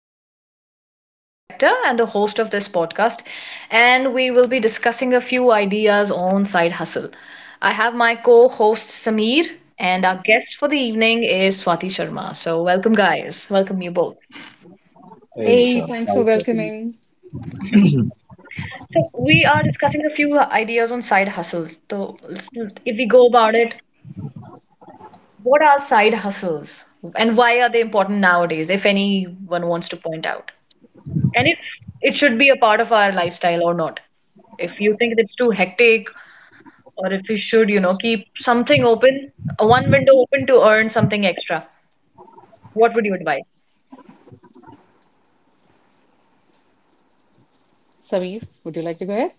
Isha here, and I'm the director and the host of this podcast. And we will be discussing a few ideas on side hustle. I have my co host Sameer, and our guest for the evening is Swati Sharma. So, welcome, guys. Welcome, you both. Hey, Hey, sure. thanks Hi, for Swati. welcoming. So, we are discussing a few ideas on side hustles. So, if we go about it, what are side hustles and why are they important nowadays, if anyone wants to point out? And if it should be a part of our lifestyle or not. If you think it's too hectic, or if you should, you know, keep something open, one window open to earn something extra, what would you advise? Sameer, would you like to go ahead?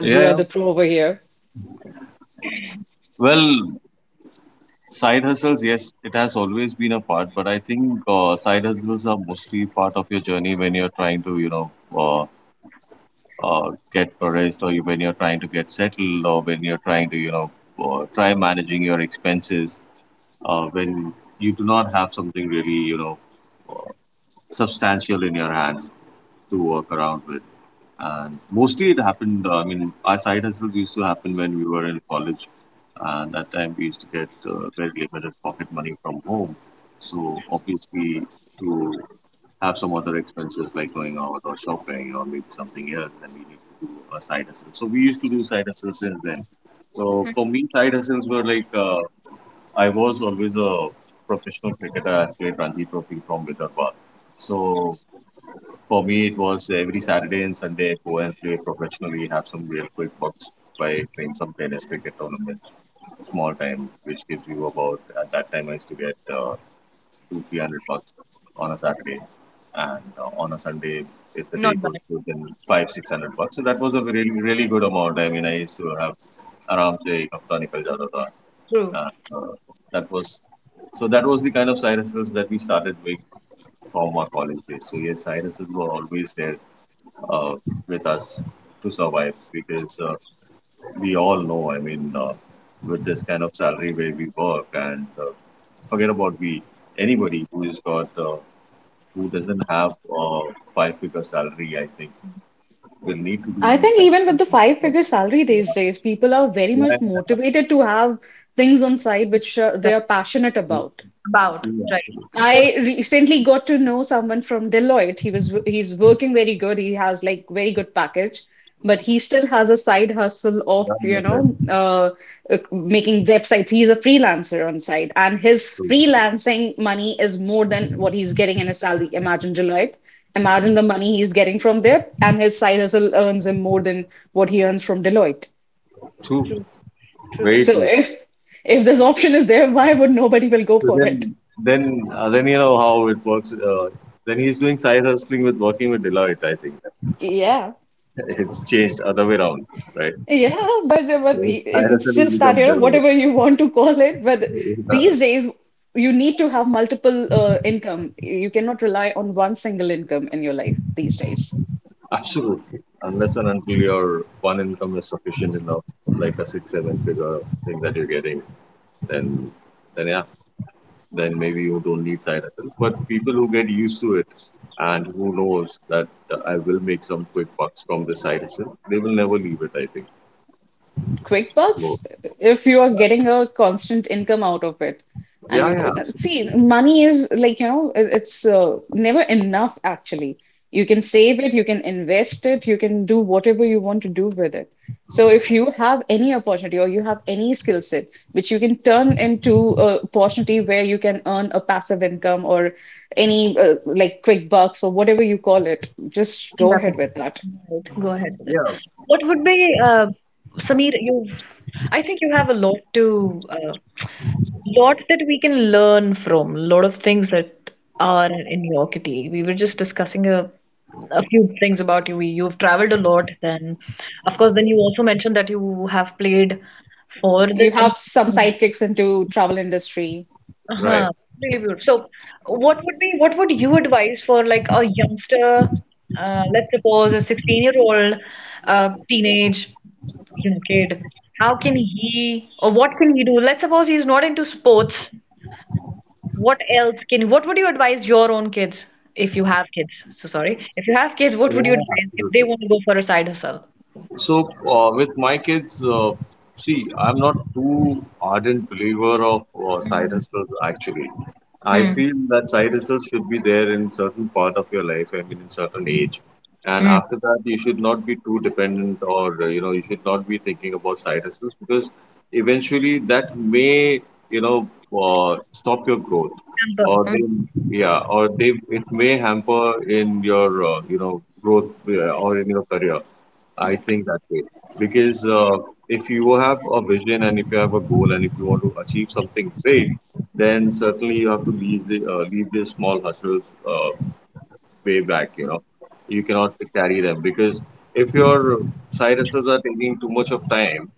As Yeah, you are yeah. the pro over here. Well, side hustles, yes, it has always been a part, but I think side hustles are mostly part of your journey when you're trying to, you know, get progressed, or you, when you're trying to get settled or when you're trying to, you know, try managing your expenses when you do not have something really, you know, uh, substantial in your hands to work around with. And mostly it happened, I mean, our side hustles used to happen when we were in college. And that time we used to get very limited pocket money from home. So obviously to have some other expenses like going out or shopping or maybe something else, then we need to do a side hustle. So we used to do side hustles since then. So for me, side hustles were like, I was always a professional cricketer. I played Ranji Trophy from Vidarbha. So for me, it was every Saturday and Sunday I go and play professionally, have some real quick bucks by playing some tennis cricket tournaments, small time, which gives you about, at that time I used to get two, 300 bucks on a Saturday. And on a Sunday, if the day Not goes bad. good, then five, 600 bucks. So that was a really, really good amount. I mean, I used to have around say, hafta nikal jata tha. True. And, that was, so that was the kind of side hustles that we started with from our college days. So yes, side hustles were always there uh, with us to survive because we all know, I mean, with this kind of salary where we work and forget about we, anybody who has got, who doesn't have uh, five figure salary, I think, will need to do I these think kind of even with things the to survive. five-figure salary these days, people are very Yeah, yeah, much yeah. motivated to have things on side which they But are passionate True, about. About. true, Right. yeah. It's also I recently got to know someone from Deloitte. He's working very good. He has like very good package, but he still has a side hustle of, Yeah, yeah, yeah. Making websites. He's a freelancer on site, and his True. freelancing money is more than what he's getting in his salary. Imagine Deloitte. Imagine the money he's getting from there, and his side hustle earns him more than what he earns from Deloitte. True. true. True. Very So true. if this option is there, why would nobody will go So for it? Then you know how it works. Then he's doing side hustling with working with Deloitte. I think Yeah. it's changed other way around, right? Yeah, but it's IRSL will just that, become you know, Deloitte. whatever you want to call it, but Uh, these days you need to have multiple income. You cannot rely on one single income in your life these days. absolutely. Unless and until your one income is sufficient enough, like a six, seven figure thing that you're getting, then yeah, then maybe you don't need side hustle. But people who get used to it and who knows that I will make some quick bucks from this side hustle, they will never leave it, I think. So, QuickBooks, if you are yeah, getting a constant income out of it, and yeah, you yeah, see, money is like, you know, it's never enough actually. You can save it, you can invest it, you can do whatever you want to do with it. So if you have any opportunity or you have any skill set which you can turn into a opportunity where you can earn a passive income or any like QuickBooks or whatever you call it, just go Nothing. ahead with that. Right. Go ahead with it. yeah, What would be, Sameer, I think you have a lot to lots that we can learn from, lot of things that are in your kitty. We were just discussing a few things about you. You've traveled a lot, then, of course, then you also mentioned that you have played for You have some the. sidekicks into travel industry. Uh-huh. right. Really beautiful. So, what would you advise for like a youngster, let's suppose a 16-year-old teenage, you know, kid, how can he or what can he do? Let's suppose he's not into sports, what would you advise your own kids if you have kids? So sorry. If you have kids, what would you Yeah, advise if they absolutely. want to go for a side hustle? So, with my kids, see, I'm not too ardent believer of side Mm, hustles actually. I mm, feel that side hustles should be there in certain part of your life, I mean, in certain age. And mm. after that, you should not be too dependent or, you know, you should not be thinking about side hustles because eventually that may, you know, stop your growth Amber, or mm. they, yeah, or they, it may hamper in your, you know, growth or in your career I think that way because if you have a vision and if you have a goal and if you want to achieve something big, then certainly you have to leave the small hustles. Way back, you know. You cannot carry them because if your side hustles are taking too much of time,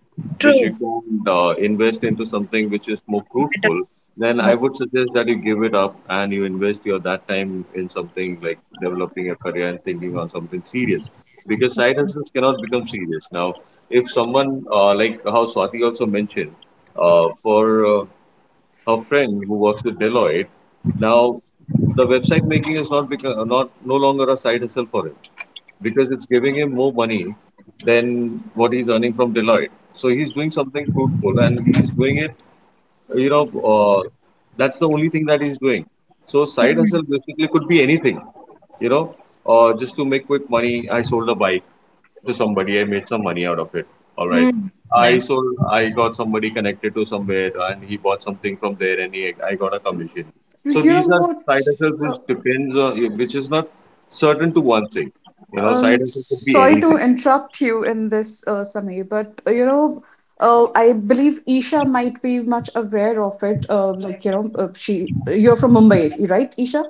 which True. you can invest into something which is more Better, fruitful, then I more. would suggest that you give it up and you invest your that time in something like developing a career and thinking on something serious. Because side hustles cannot become serious. Now, if someone, like how Swati also mentioned, for her friend who works with Deloitte. Now, the website making is not become not no longer a side hustle for him because it's giving him more money than what he's earning from Deloitte. So he's doing something fruitful and he's doing it you know, uh, that's the only thing that he's doing. So side Mm, hustle basically could be anything, you know, just to make quick money. I sold a bike to somebody. I made some money out of it. All right. mm. I Nice. sold. I got somebody connected to somewhere, and he bought something from there, I got a commission. You So know these are what? side hustles Uh, which depends on, which is not certain to one thing. You know, side hustle could be sorry to anything. interrupt you in this, Samir, but I believe Isha might be much aware of it. Like you know, she you're from Mumbai, right, Isha?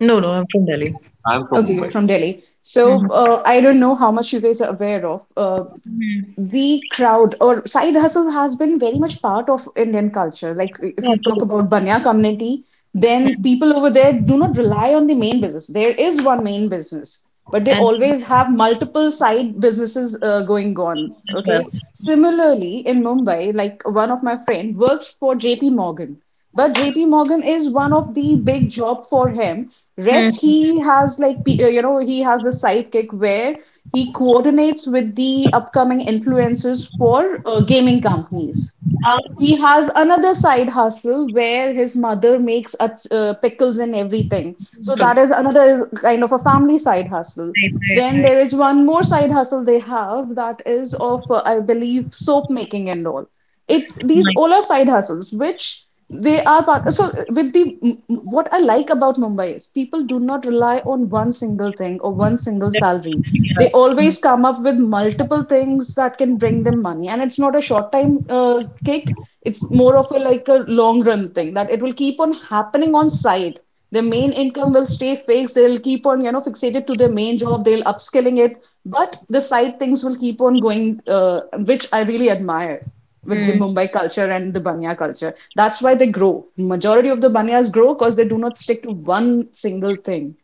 No, no, I'm from Delhi. I'm from Okay, you're Mumbai. from Delhi. So Mm-hmm. I don't know how much you guys are aware of. Mm. The crowd or side hustle has been very much part of Indian culture. Like if Yeah, you talk true. about Banya community, then people over there do not rely on the main business. There is one main business, but they And business always have multiple side businesses going on. as well. Okay. Similarly, in Mumbai, like one of my friend works for JP Morgan. But JP Morgan is one of the big job for him. Rest Mm. he has like you know he has a sidekick where he coordinates with the upcoming influencers for gaming companies. Oh, He has another side hustle where his mother makes a, pickles and everything. So that good. is another kind of a family side hustle. Right, right, Then right. there is one more side hustle they have that is of, I believe, soap making and all. It these all Nice. are side hustles which they are part. So with the what I like about Mumbai is people do not rely on one single thing or one single That- salary, they yeah. always come up with multiple things that can bring them money, and it's not a short time kick. It's more of a like a long run thing that it will keep on happening on side. Their main income will stay fixed, they'll keep on, you know, fixated to their main job, they'll upskilling it, but the side things will keep on going, which I really admire with the Mm, Mumbai culture and the Banya culture. That's why they grow. Majority of the Banyas grow because they do not stick to one single thing.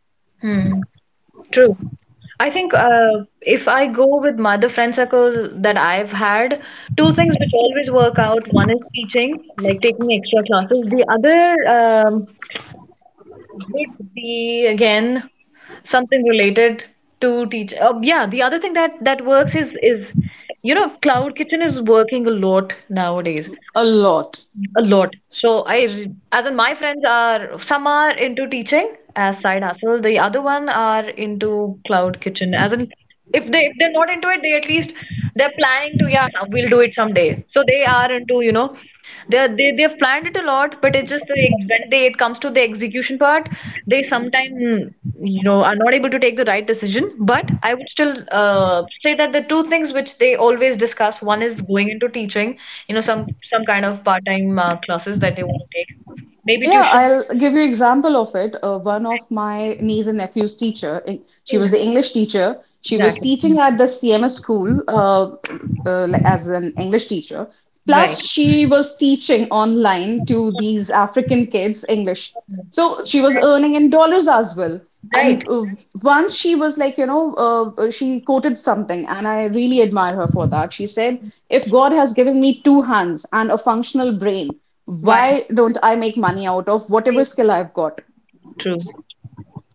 mm. True. I think if I go with my other friend circles that I've had, two things which always work out. One is teaching, like taking extra classes. The other would be again something related to teach. Yeah, the other thing that works is, you know, cloud kitchen is working a lot nowadays. A lot. A lot. So as in my friends are, some are into teaching as side hustle. The other one are into cloud kitchen. As in, if they if they're not into it, they at least they're planning to, yeah, we'll do it someday. So they are into, you know, they've planned it a lot, but it's just the when they it comes to the execution part, they sometimes, you know, are not able to take the right decision, but I would still, say that the two things which they always discuss, one is going into teaching, you know, some kind of part-time classes that they want to take, maybe Yeah, tuition. I'll give you example of it. One of my niece and nephew's teacher, she was Hmm, the English teacher. She was exactly. teaching at the CMS school like as an English teacher. Right, Plus, she was teaching online to these African kids English. So she was right. earning in dollars as well. And Right. Once she was like, she quoted something, and I really admire her for that. She said, "If God has given me two hands and a functional brain, Why not? why don't I make money out of whatever True, skill I've got?" true.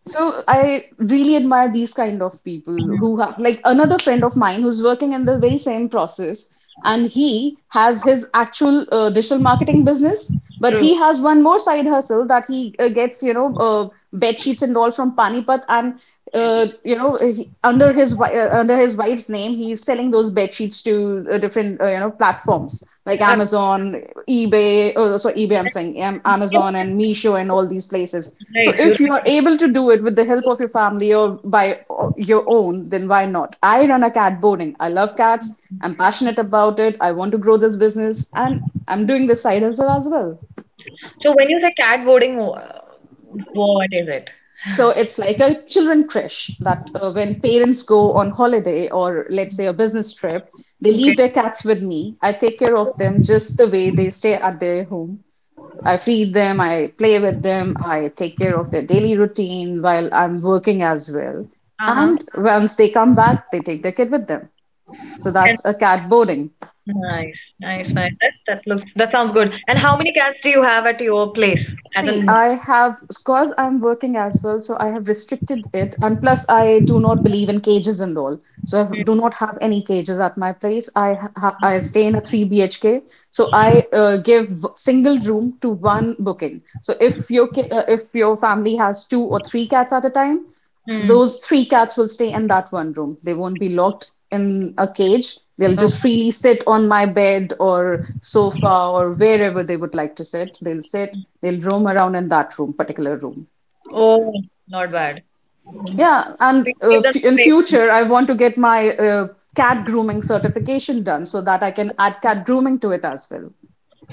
So I really admire these kind of people, Hmm, who have, like, another friend of mine who's working in the very same process, and he has his actual digital marketing business, but true. he has one more side hustle that he gets, bed sheets and all from Panipat, and he, under his under his wife's name, he's selling those bed sheets to different platforms like Absolutely. Amazon, eBay. Oh, sorry, eBay. I'm saying Yeah, Amazon and Meesho and all these places. So right, you're if you are right. able to do it with the help of your family or by your own, then why not? I run a cat boarding. I love cats. I'm passionate about it. I want to grow this business, and I'm doing this side hustle as well. So when you say cat voting, what is it? So it's like a children creche that when parents go on holiday or let's say a business trip, they Okay. leave their cats with me. I take care of them just the way they stay at their home. I feed them, I play with them, I take care of their daily routine while I'm working as well. Uh-huh. And once they come back, they take their kid with them. So that's a cat boarding. Nice, nice, nice. That, that looks, that sounds good. And how many cats do you have at your place? As See, an, I have, because I'm working as well, so I have restricted it. And plus, I do not believe in cages and all. So I mm, have- do not have any cages at my place. I stay in a 3 BHK. So I give single room to one booking. So if your if your family has two or three cats at a time, mm. those three cats will stay in that one room. They won't be locked in a cage. They'll Oh, just freely sit on my bed or sofa or wherever they would like to sit. They'll sit, they'll roam around in that room, particular room. oh, not bad. Mm. Yeah, and Please give them f in space. future, I want to get my cat grooming certification done so that I can add cat grooming to it as well.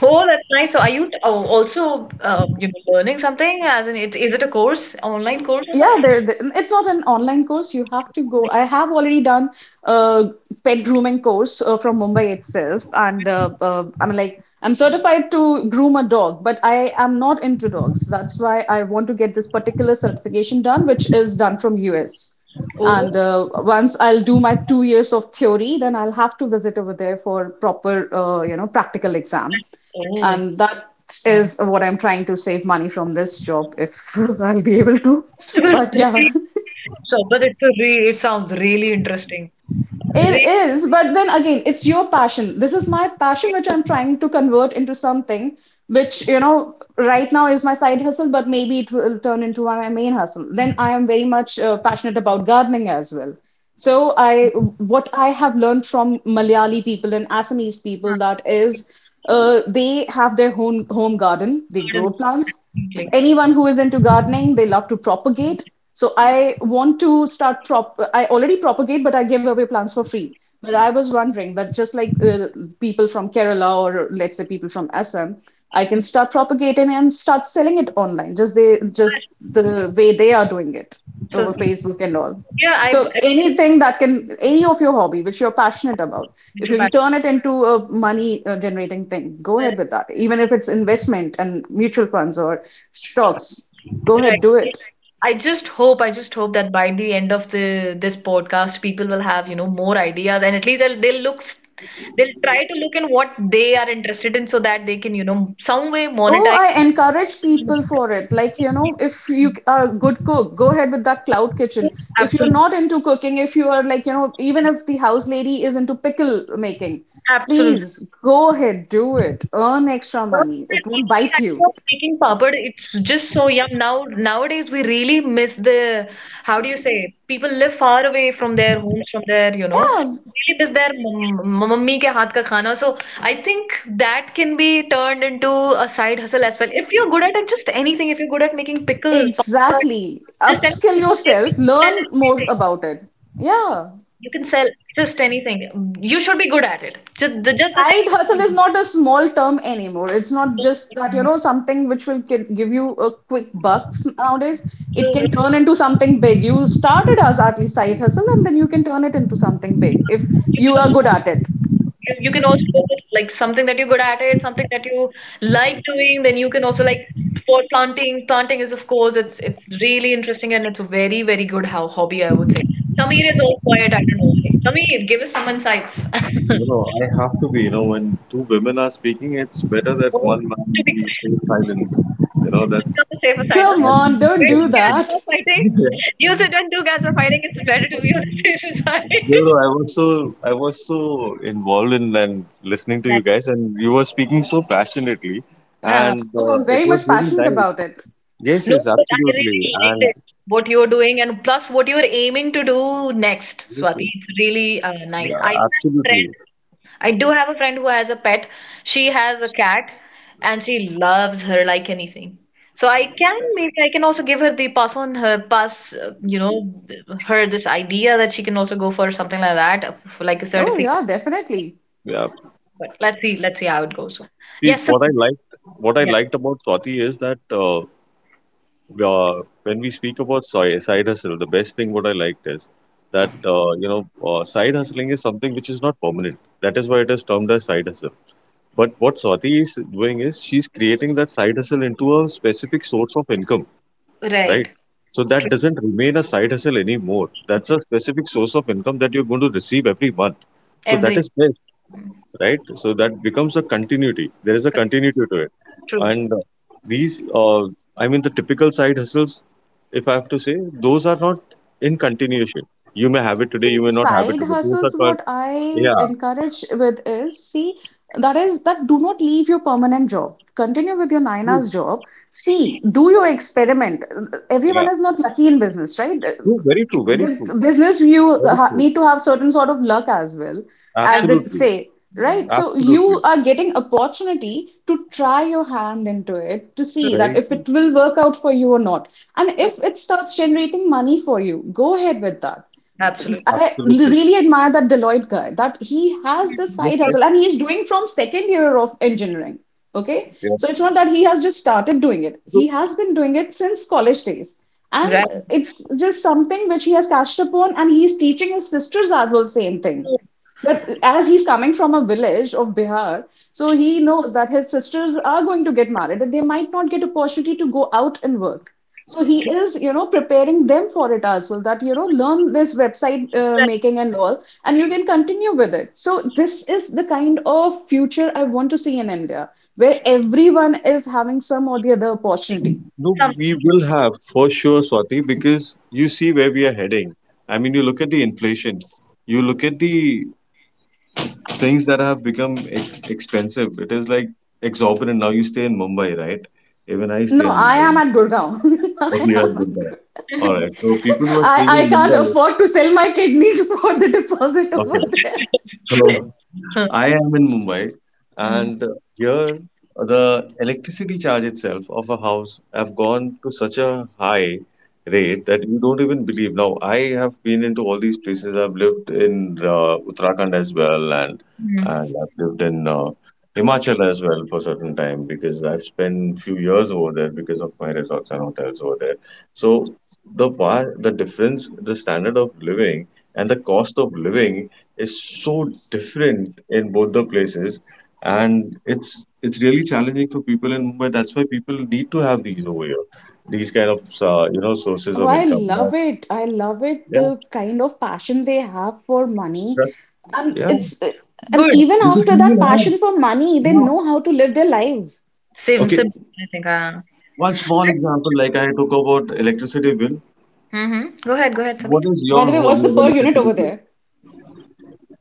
Oh, that's nice. So, are oh, also, you know, learning something? As in, it is it a course, online course or Yeah, something? It's not an online course. You have to go. I have already done a pet grooming course from Mumbai itself, and I'm like I'm certified to groom a dog, but I am not into dogs. That's why I want to get this particular certification done, which is done from US. And Oh, once I'll do my 2 years of theory, then I'll have to visit over there for proper, practical exam. oh. And that Mm. is what I'm trying to save money from this job if I'll be able to. Because But yeah, really- so, but it's a re it sounds really interesting. it Really, is, but then again, it's your passion. This is my passion, really which I'm good. trying to convert into something which, you know, right now is my side hustle, but maybe it will turn into my main hustle. Then I am very much passionate about gardening as well. So I, what I have learned from Malayali people and Assamese Huh. people that is, they have their home garden. They grow Gardens, plants. absolutely. Anyone who is into gardening, they love to propagate. So I want to start prop. I already propagate, but I give away plants for free. But I was wondering that just like people from Kerala or let's say people from Assam, I can start propagating and start selling it online, just they just Yes. the way they are doing it So, over Facebook and all. yeah, I So believe anything that can, any of your hobby which you're passionate about, if it, you can Parth. turn it into a money generating thing, go ahead Right. with that. Even if it's investment and mutual funds or stocks, go ahead, do Right. it. I just hope that by the end of the this podcast, people will have, you know, more ideas and at least they'll look, they'll try to look in what they are interested in so that they can, you know, some way Oh, monetize. I encourage people for it. Like, you know, if you are a good cook, go ahead with that cloud kitchen. If you're Absolutely, not into cooking, if you are like, you know, even if the house lady is into pickle making, absolutely. please go ahead, do it. Earn extra Those money. are It won't giving the bite you. idea of making papad. It's just so yum. Now, nowadays we really miss the, how do you say? People live far away from their homes, from their, you know, Yeah, really miss their mummy ke haath ka khana. So I think that can be turned into a side hustle as well. If you're good at it, just anything. If you're good at making pickles, papad, exactly. just Upskill anything. Yourself, You can sell learn more everything. about it. Yeah. You can sell just anything. You should be good at it. Just the thing. Side hustle is No, not a small term anymore. It's not no, just that, no, you no. know, something which will give you a quick bucks nowadays. It You, can turn into something big. You started as at least side hustle and then you can turn it into something big if you you can, are good at it. You can also like something that you're good at it, something that you like doing, then you can also like for planting. Planting is, of course, it's really interesting and it's a very, very good how hobby, I would say. Sameer is all quiet, I don't know why. Sameer, give us some insights. No, no, I have to be. You know, when two women are speaking, it's better that Oh, one to man be be stay quiet, silent. You know, on that's. the safer side, huh? Come And on, don't Where yeah. do two cats that. are fighting. You said when two cats are fighting, it's better to be on the safer side. no, no, I was so I was so involved in and listening to you that- guys, and you were speaking so passionately, yeah. and Oh, I'm it very was much really passionate nice. about it. Yes, No, yes, but I absolutely, really liked and it, what you're doing, and plus what you're aiming to do next, yes, Swati. yes, It's really, nice. yeah, I do have a friend. absolutely. I do have a friend who has a pet. She has a cat, and she loves her like anything. So I can So, maybe I can also give her the pass on her pass, you know, th- her this idea that she can also go for something like that, for like a oh, certificate. yeah, definitely. Yeah. But let's see how it goes. See, Yes, sir. What I Yeah, liked about Swati is that. Uh, when we speak about side hustle, the best thing what I liked is that you know side hustling is something which is not permanent. That is why it is termed as side hustle. But what Swati is doing is she's creating that side hustle into a specific source of income, right? right. So that doesn't remain a side hustle anymore. That's a specific source of income that you're going to receive every month. So that Every is best right? So that becomes a continuity. There is a continuity to it, true, and these, uh, I mean, the typical side hustles, if I have to say, those are not in continuation. You may have it today, you See, may not have it side today. Those are hustles, called, what I yeah, encourage with is, see, that is that do not leave your permanent job. Continue with your nine true, hours job. See, do your experiment. Everyone yeah, is not lucky in business, right? true, very true, very true, With business, you very ha- true, need to have certain sort of luck as well, as they absolutely, say, absolutely, right? So you absolutely, are getting opportunity to try your hand into it to true, see that very if true, it will work out for you or not. And if it starts generating money for you, go ahead with that. absolutely. I absolutely. really admire that Deloitte guy, that he has this Yes, side yes, hustle and he's doing from second year of engineering. Okay. So yeah. it's not that he has just started doing it. So, He has been doing it since college days. And Right. it's just something which he has cashed upon and he's teaching his sisters as well same thing. That as he's coming from a village of Bihar, so he knows that his sisters are going to get married, that they might not get opportunity to go out and work, so he is preparing them for it as well, that learn this website making and all, and you can continue with it. So this is the kind of future I want to see in India, where everyone is having some or the other opportunity. no, Some we will have for sure, Swati, because you see where we are heading. I mean, you look at the inflation, you look at the things that have become ex- expensive. It is like exorbitant. Now you stay in Mumbai, right? Even I stay No, in I Mumbai. am at Gurgaon. Okay, I you are am at Mumbai. All right. So people who are staying I, in I can't Mumbai, afford to sell my kidneys for the deposit over okay. there. good. So Hmm. I am in Mumbai, Hmm. and here the electricity charge itself of a house have gone to such a high rate that you don't even believe. Now, I have been into all these places. I've lived in Uttarakhand as well, and Hmm. and I've lived in Himachal as well for a certain time because I've spent few years over there because of my resorts and hotels over there. So the difference, the standard of living, and the cost of living is so different in both the places and it's really challenging for people in Mumbai. That's why people need to have these over here, these kind of you know sources Oh, of I income. Yeah, love it. I love it. yeah, The kind of passion they have for money. trust- And yeah. it's and Good. even Because after you that will have. passion for money, they Yeah. know how to live their lives. Same. Okay, Same. I think. One small example, like I talk about electricity bill. Mm-hmm. Go ahead. Go ahead, What Samir. is By the your way, what's home the per unit electricity over bill? there?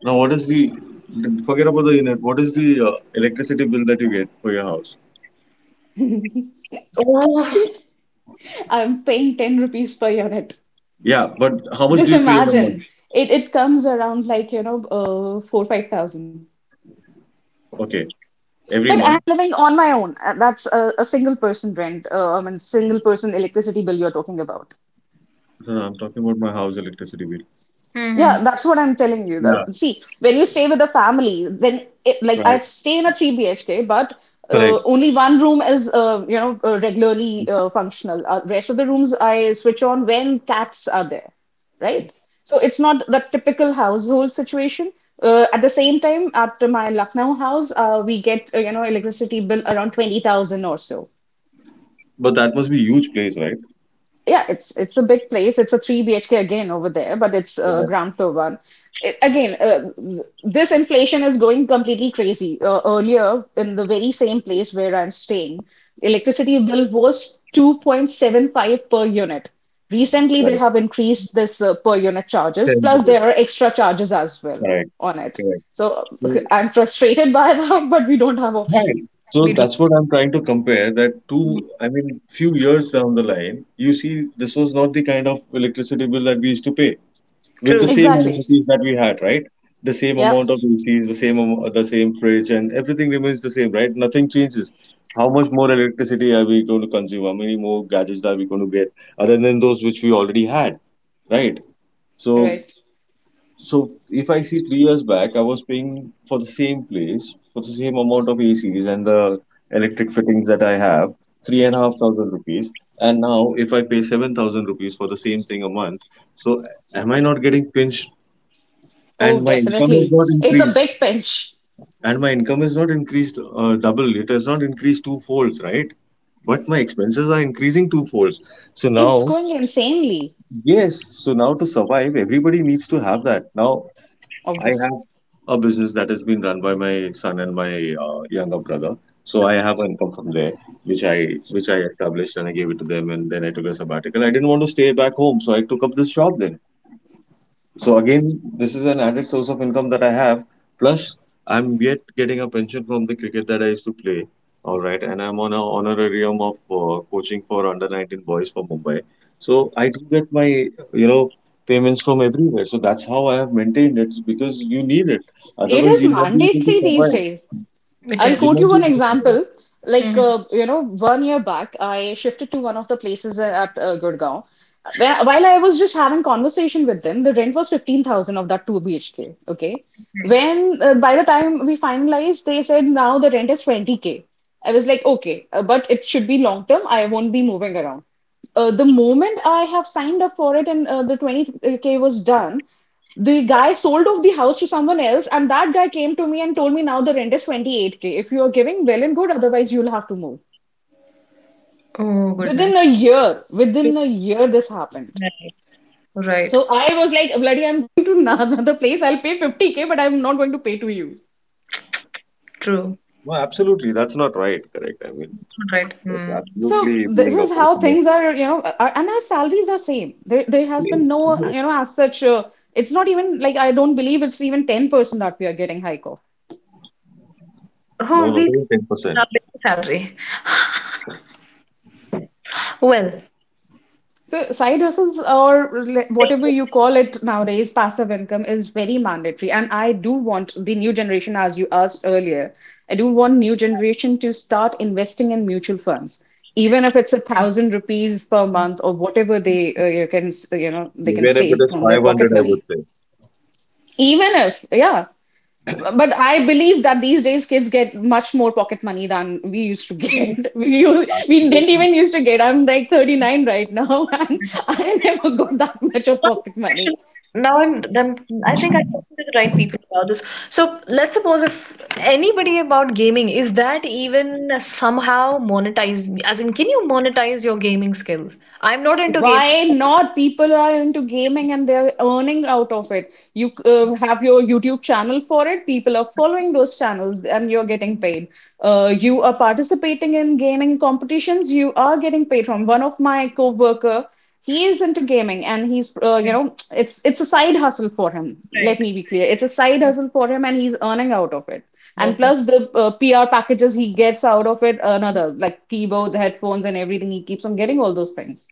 Now, what is the forget about the unit? What is the electricity bill that you get for your house? Oh, I'm paying 10 rupees per unit. Yeah, but how much Just do you pay in a imagine. month? It comes around like, four, 5,000. Okay, But every I'm month. living on my own. That's a single person rent. I mean, single person electricity bill you're talking about. No, no, I'm talking about my house electricity bill. Yeah, mm-hmm. that's what I'm telling you. Yeah, That see, when you stay with a family, then like I right. stay in a three BHK, but Correct. only one room is regularly functional. Rest of the rooms I switch on when cats are there, right? So it's not the typical household situation. At the same time, at my Lucknow house, we get electricity bill around 20,000 or so. But that must be huge place, right? Yeah, it's a big place. It's a three BHK again over there, but it's a Right. ground floor one. Again, this inflation is going completely crazy. Earlier, in the very same place where I'm staying, electricity bill was 2.75 per unit. Recently, they Right. have increased this per unit charges, 10 plus there minutes. are extra charges as well Correct, on it. correct. So So, I'm frustrated by that, but we don't have right. option. So We do. that's what I'm trying to compare that Mm. two, I mean, few years down the line, you see, this was not the kind of electricity bill that we used to pay with the True. same Exactly. amenities that we had, right? The same Yep. amount of ACs, the same fridge, and everything remains the same, right? Nothing changes. How much more electricity are we going to consume? How many more gadgets are we going to get other than those which we already had, right? So, Right. so if I see 3 years back, I was paying for the same place for the same amount of ACs and the electric fittings that I have, three and a half thousand rupees. And now, if I pay 7,000 rupees for the same thing a month, so am I not getting pinched? Oh, and my income is definitely. not It's a increased big pinch. and my income is not increased double it has not increased two folds right but my expenses are increasing two folds so It's now going insanely, yes so now to survive everybody needs to have that now I obviously. have a business that has been run by my son and my younger brother so I have income from there which I established and I gave it to them and then I took a sabbatical I didn't want to stay back home so I took up this job then. So again, this is an added source of income that I have. Plus, I'm yet getting a pension from the cricket that I used to play. All right, and I'm on a honorarium of coaching for under 19 boys for Mumbai. So I do get my you know payments from everywhere. So that's how I have maintained it because you need it. It Otherwise, is you'll not be able to mandatory these survive. days. It I'll is. You'll quote you not be one able to survive. example. Like, Mm-hmm. 1 year back, I shifted to one of the places at Gurgaon. Where, while I was just having conversation with them, the rent was 15,000 of that 2 BHK, okay? When, by the time we finalized, they said now the rent is 20K. I was like, okay, but it should be long term. I won't be moving around. The moment I have signed up for it and the 20K was done, the guy sold off the house to someone else, and that guy came to me and told me now the rent is 28K. If you are giving, well and good, otherwise you'll have to move. Oh, goodness. True. Within a year, this happened. Right. Right. So I was like, bloody, I'm going to another place. I'll pay 50K, but I'm not going to pay to you. True. No, absolutely, that's not right. Correct. I mean, Right. that's Mm. So absolutely this being is how opportunistic. things are, are, and our salaries are same. There has been no, as such. It's not even like I don't believe it's even 10% that we are getting hike off. No, Oh, not we. even 10%. Our basic salary. Well. So side hustles or whatever you call it nowadays, passive income is very mandatory. And I do want the new generation, as you asked earlier, I do want new generation to start investing in mutual funds, even if it's a thousand rupees per month or whatever they you can they can Even if it save is from their 500, pocket I would money. say. Even if, yeah, but I believe that these days kids get much more pocket money than we used to get. We we Good. didn't even used to get. I'm like 39 right now, and I never got that much of One pocket more question. money. Now I'm, I'm, I think I'm talking to the right people about this. So let's suppose if anybody about gaming, is that even somehow monetized? As in, can you monetize your gaming skills? I'm not into gaming. Why not? People are into gaming and they're earning out of it. You have your YouTube channel for it. People are following those channels and you're getting paid. You are participating in gaming competitions. You are getting paid from one of my co-worker. He is into gaming and he's Okay, it's a side hustle for him. right. Let me be clear. It's a side hustle for him and he's earning out of it. And Okay. plus the PR packages he gets out of it, another like keyboards, headphones, and everything. He keeps on getting all those things.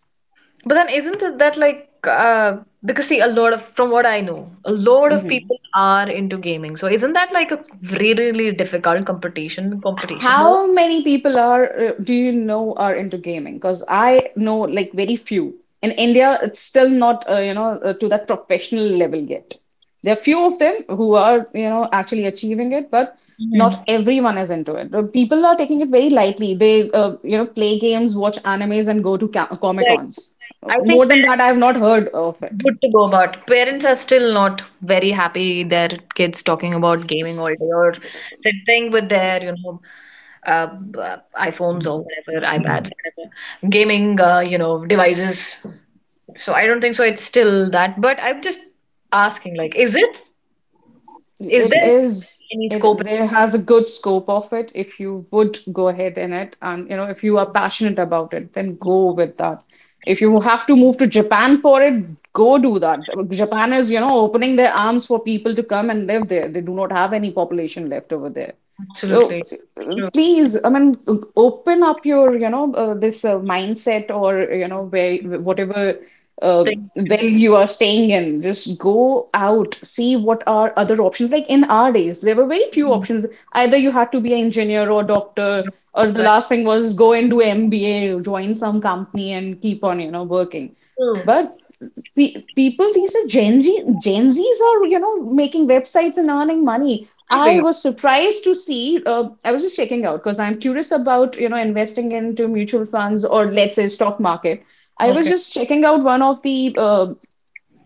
But then isn't it that like, because see a lot of from what I know, a lot of Hmm. people are into gaming. So isn't that like a really, really difficult competition there? How many people are do you know are into gaming? Because I know like very few. In India, it's still not to that professional level yet. There are few of them who are actually achieving it, but not Mhm. everyone is into it. People are taking it very lightly. They uh, play games, watch animes, and go to ca Right. Comic-Cons. I think More than that, I have not heard of it. good to go, but parents are still not very happy their kids talking about gaming all day or sitting with their, you know, uh, b- iPhones or whatever, iPads, whatever, gaming, you know, devices. So I don't think so. It's still that, but I'm just asking, like, is it, is It there See, is any scope? it there has a good scope of it if you would go ahead in it and if you are passionate about it, then go with that. If you have to move to Japan for it, go do that. Japan is, opening their arms for people to come and live there. They do not have any population left over there. So Absolutely. True. please, I mean, open up your, this mindset or, where whatever uh, Think, well you are staying in, just go out, see what are other options. Like in our days, there were very few options. Either you had to be an engineer or doctor, or the right. last thing was go and do MBA, join some company and keep on, working. True. But people, these are gen z, gen z's are making websites and earning money. I Really. was surprised to see. I was just checking out because I'm curious about investing into mutual funds or let's say stock market. I was Okay. just checking out one of the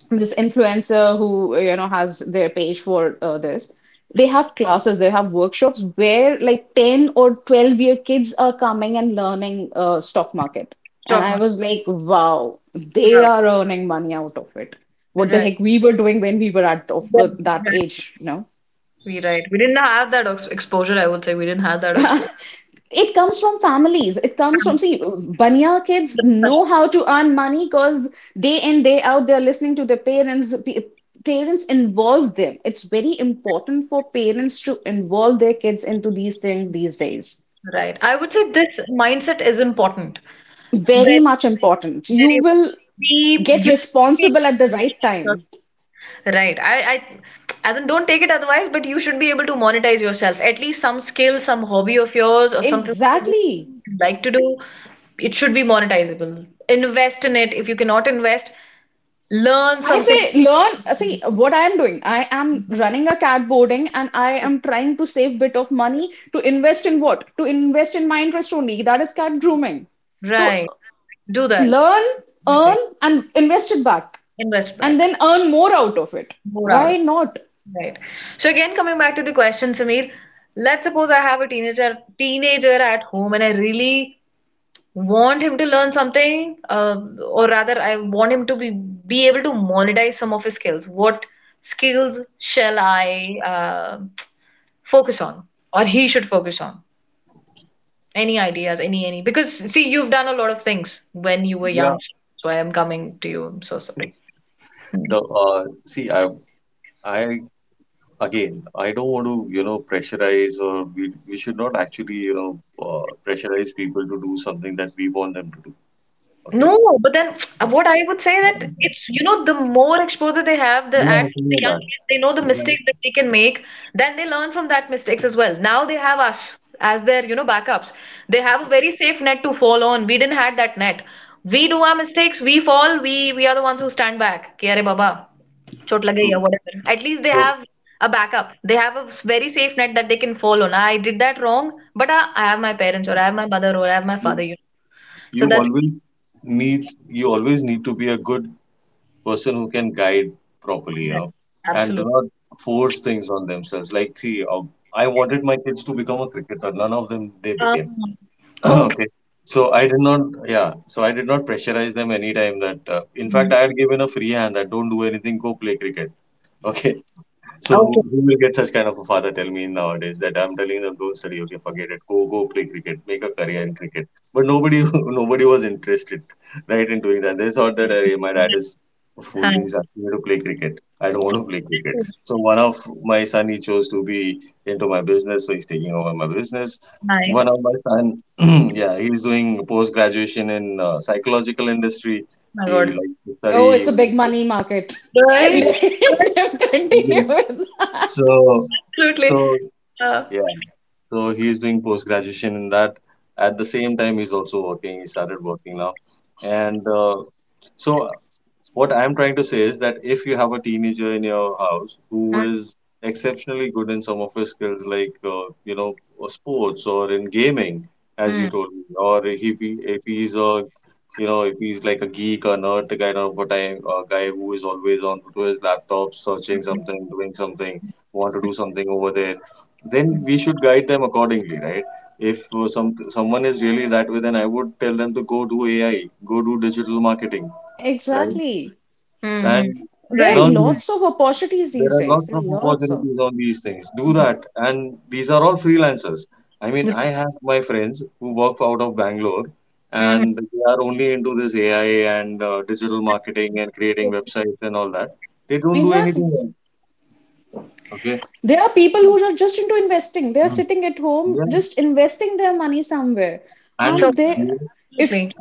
this influencer who has their page for this they have classes, they have workshops where like 10 or 12-year kids are coming and learning stock market. And Stock I market. was like, wow, they Wow. are earning money out of it. You're What the right. heck we were doing when we were at of, Well, that right. age, We didn't have that ex exposure, I would say. We didn't have that exposure. It comes from families. It comes from, see, Baniya kids know how to earn money because day in, day out, they're listening to their parents. Parents involve them. It's very important for parents to involve their kids into these things these days. Right. I would say this mindset is important. Very Very, much important. You very important. will We, get you responsible at the right time. Right. As in, don't take it otherwise, but you should be able to monetize yourself. At least some skill, some hobby of yours, or something you Exactly. like to do, it should be monetizable. Invest in it. If you cannot invest, learn I something. say learn. See what I am doing. I am running a cat boarding, and I am trying to save bit of money to invest in what? To invest in my interest only. That is cat grooming. So Right. Do that. learn, I earn, think. and invest it back, Invest and back. then earn more out of it. More out Why of not? it, right. So again, coming back to the question, Sameer, let's suppose I have a teenager at home and I really want him to learn something, or rather, I want him to be able to monetize some of his skills. What skills shall I, focus on, or he should focus on? Any ideas? Any? Because see, you've done a lot of things when you were yeah, young, so I am coming to you. I'm so sorry. the see, I again, I don't want to, you know, pressurize or we should not actually, you know, pressurize people to do something that we want them to do. Okay. No, but then Yeah, what I would say that and, uh, it's, you know, the more exposure they have, the yeah, at I think the you're young right. age they know the Yeah, mistakes that they can make, then they learn from that mistakes as well. Now they have us as their, you know, backups. They have a very safe net to fall on. We didn't had that net. We do our mistakes, we fall, we are the ones who stand back. Ki, "Arey baba, chot lag gayi true. hai," whatever. At least they So have a backup. They have a very safe net that they can fall on. I did that wrong, but I have my parents or I have my mother or I have my you father. You know, you so that's always you always need to be a good person who can guide properly, you yeah, know, and do absolutely. not force things on themselves. Like, I wanted my kids to become a cricketer. None of them they Ah, became. okay, Okay. So I did not, yeah. So I did not pressurize them anytime in fact, I had given a free hand that don't do anything, go play cricket. Okay. So okay. Who will get such kind of a father? Tell me nowadays that I'm telling them don't study. Okay, forget it. Go go play cricket. Make a career in cricket. But nobody nobody was interested, right, in doing that. They thought that hey, my dad is a fool. Hi. He's asking me to play cricket. I don't want to play cricket. So one of my son he chose to be into my business. So he's taking over my business. Nice. One Oh of my son, yeah, he's doing post graduation in psychological industry. my He God. likes to Oh, study. it's a big money market. He- Right. he- Let Right. them continue with that. So Absolutely. so Uh, yeah. So he's doing post graduation in that. At the same time, he's also working. He started working now, and so what I'm trying to say is that if you have a teenager in your house who is exceptionally good in some of his skills, like you know sports or in gaming, as mm-hmm. you told me, or if he's a you know if he's like a geek or nerd, the kind of a time a guy who is always on to his laptop searching something, doing something, want to do something over there, then we should guide them accordingly, right? If someone is really that way, then I would tell them to go do AI, go do digital marketing. Right, Exactly. Mm-hmm. and There are Right. learn those. lots of opportunities There these are days. lots There are of lots of. opportunities on these things. Do that, and these are all freelancers. I mean, I have my friends who work out of Bangalore, Mm-hmm. and they are only into this AI and digital marketing and creating websites and all that. They don't do Exactly. anything else. Okay. There are people who are just into investing. They are Mm. sitting at home, Yeah, just investing their money somewhere. So, and And they, absolutely. if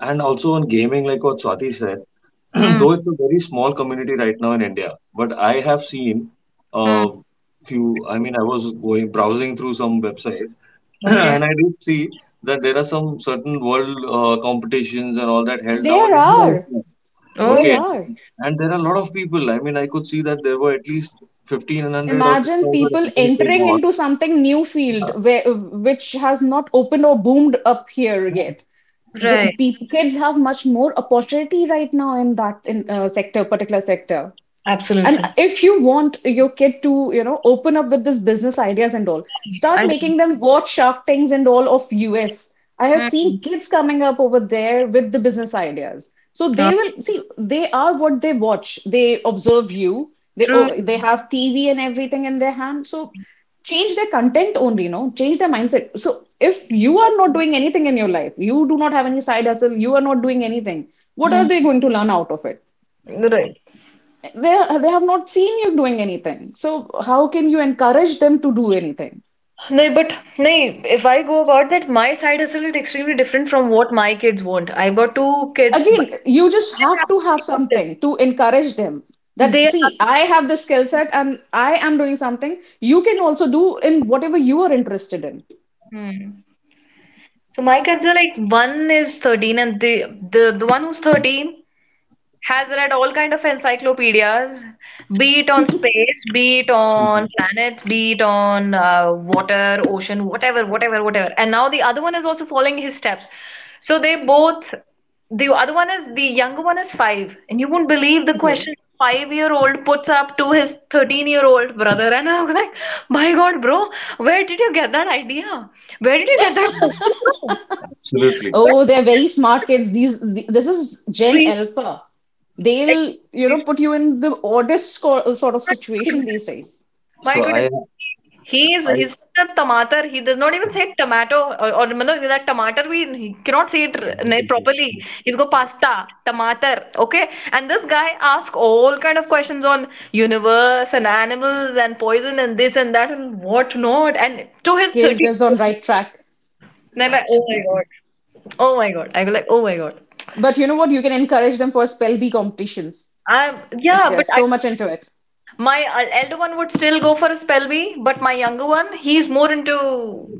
and also on gaming, like what Swati said. Mm-hmm. Though it's a very small community right now in India, but I have seen a few. I mean, I was going browsing through some websites, Okay. and I did see that there are some certain world competitions and all that held now in there India as are, well. there Oh, Okay, are. and there are a lot of people. I mean, I could see that there were at least 1500 or Imagine 2000 people entries they entering got. into something new field Yeah. where, which has not opened or boomed up here Yeah. yet. The, right. Kids have much more opportunity right now in that in sector, particular sector. And Absolutely. if you want your kid to, open up with this business ideas and all, I start do. making them watch Shark Tanks and all of us. I have Mm-hmm. seen kids coming up over there with the business ideas. So Uh, they will see they are what they watch. They observe you. They true. oh, they have TV and everything in their hand. So change their content only, change their mindset. So if you are not doing anything in your life, you do not have any side hustle, you are not doing anything, what are Mhm. they going to learn out of it? Right. They have not seen you doing anything, so how can you encourage them to do anything? No, but no, if I go about that, my side hustle is extremely different from what my kids want. I got two kids. Again, you just have to have something to encourage them, They that are see, I absolutely have this skill set and I am doing something. You can also do in whatever you are interested in. Hmm. So my kids are like one is 13 and the the one who's 13, has read all kind of encyclopedias, be it on space, be it on planets, be it on, water, ocean, whatever, whatever, whatever. And now the other one is also following his steps. So they both, the other one is, the younger one is five. And you won't believe the Okay. question five-year-old puts up to his 13-year-old brother. And I'm like, my God, bro, where did you get that idea? Where did you get that question from? Absolutely. Well, Oh, they're very smart kids, these this is gen alpha. They'll extremely put you in the oddest sort of my situation goodness. these days. My So goodness. I, He's such a tomater. He does not even say tomato or मतलब that tomato we he cannot say it properly. He's go pasta, tomater, okay? And this guy asks all kind of questions on universe and animals and poison and this and that and what not. And to his Kids 30 is on right track. and I'm like, oh my absolutely. God. Oh my God. I go like, oh my God. But you know what, you can encourage them for spell bee competitions I if yeah, they're but I so much into it. my, elder one would still go for a spell bee, but my younger one, he's more into,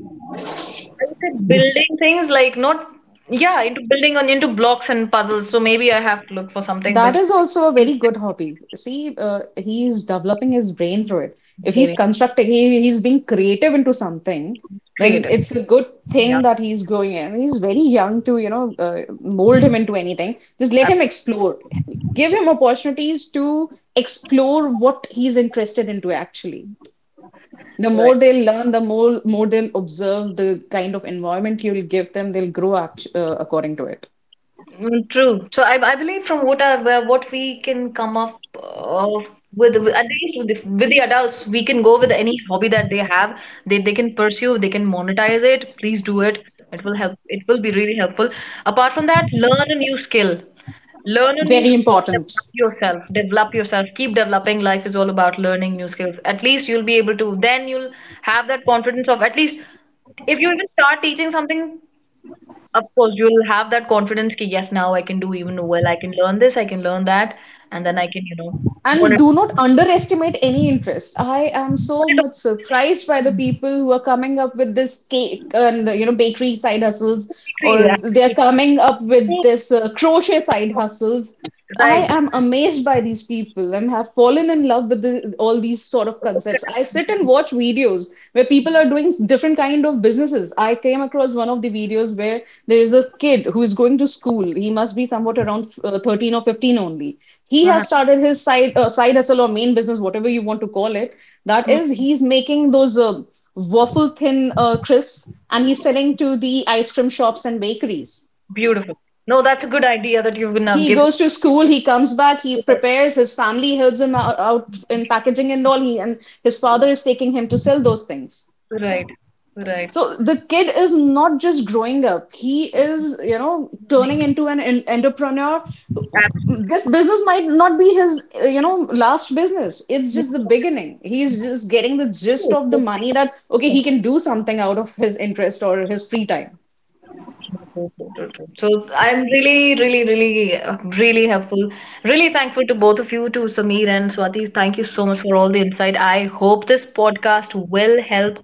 I would say, building things like not, yeah, into building on into blocks and puzzles. So maybe I have to look for something That which is also a is very good hobby. See, he's developing his brain through it. If he's constructing, he's being creative into something, then creative. it's a good Yeah, thing that he's growing in. He's very young to, mold him into anything. Just let him explore. Give him absolutely. opportunities to explore what he's interested into actually. The Right. more they'll learn, the more they'll observe the kind of environment you'll give them, they'll grow according to it. Mm, true. So I believe from what what we can come up, with at least with the adults, we can go with any hobby that they have. They can pursue. They can monetize it. Please do it. It will help. It will be really helpful. Apart from that, learn a new skill. Learn a new Very skill, important. develop develop yourself, keep developing. Life is all about learning new skills. At least you'll be able to, then you'll have that confidence of at least if you even start teaching something, of course, you'll have that confidence that yes, now I can do even well. I can learn this, I can learn that, and then I can, you know, learn And do it. not underestimate any interest. I am Learn so it all. much surprised by the people who are coming up with this cake and bakery side hustles, Completely, or they're absolutely. coming up with this crochet side hustles. I Right. am amazed by these people and have fallen in love with the, all these sort of concepts. I sit and watch videos where people are doing different kind of businesses. I came across one of the videos where there is a kid who is going to school. He must be somewhat around 13 or 15 only. He Uh-huh. has started his side hustle or main business, whatever you want to call it. That is, Hmm. he's making those waffle thin crisps and he's selling to the ice cream shops and bakeries. Beautiful. No, that's a good idea that you've now He given. goes to school, he comes back, he prepares, his family helps him out, in packaging and all, he and his father is taking him to sell those things. Right, right. So the kid is not just growing up, he is, turning into an, entrepreneur. Absolutely. This business might not be his, last business. It's just the beginning. He's just getting the gist of the money that, okay, he can do something out of his interest or his free time. So I'm really, really, really, really helpful. Really thankful to both of you, to Sameer and Swati. Thank you so much for all the insight. I hope this podcast will help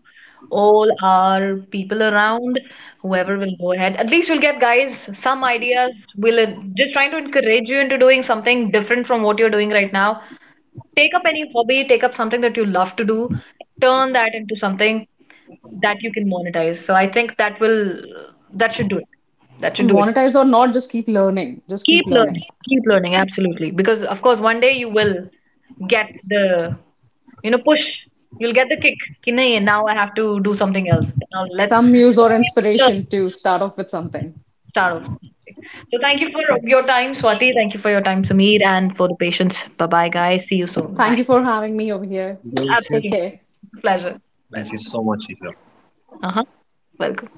all our people around, whoever will go ahead. At least we'll get guys some ideas. We'll just trying to encourage you into doing something different from what you're doing right now. Take up any hobby, take up something that you love to do, turn that into something that you can monetize. So I think that will that should do it. That should do it. Monetize or not, just keep learning. Just Keep keep learning. learning. Keep learning, absolutely. Because of course one day you will get the, you know, push. You'll get the kick. Ki nahi, now I have to do something else. Now let's Some muse or learn, inspiration to start off with something. start off. So thank you for your time, Swati. Thank you for your time, Sameer, and for the patience. Bye bye guys. See you soon. Thank Bye. you for having me over here. Yes, yes. Take Absolutely. care. Pleasure. Thank you Pleasure. so much, Isha. Uh-huh. Welcome.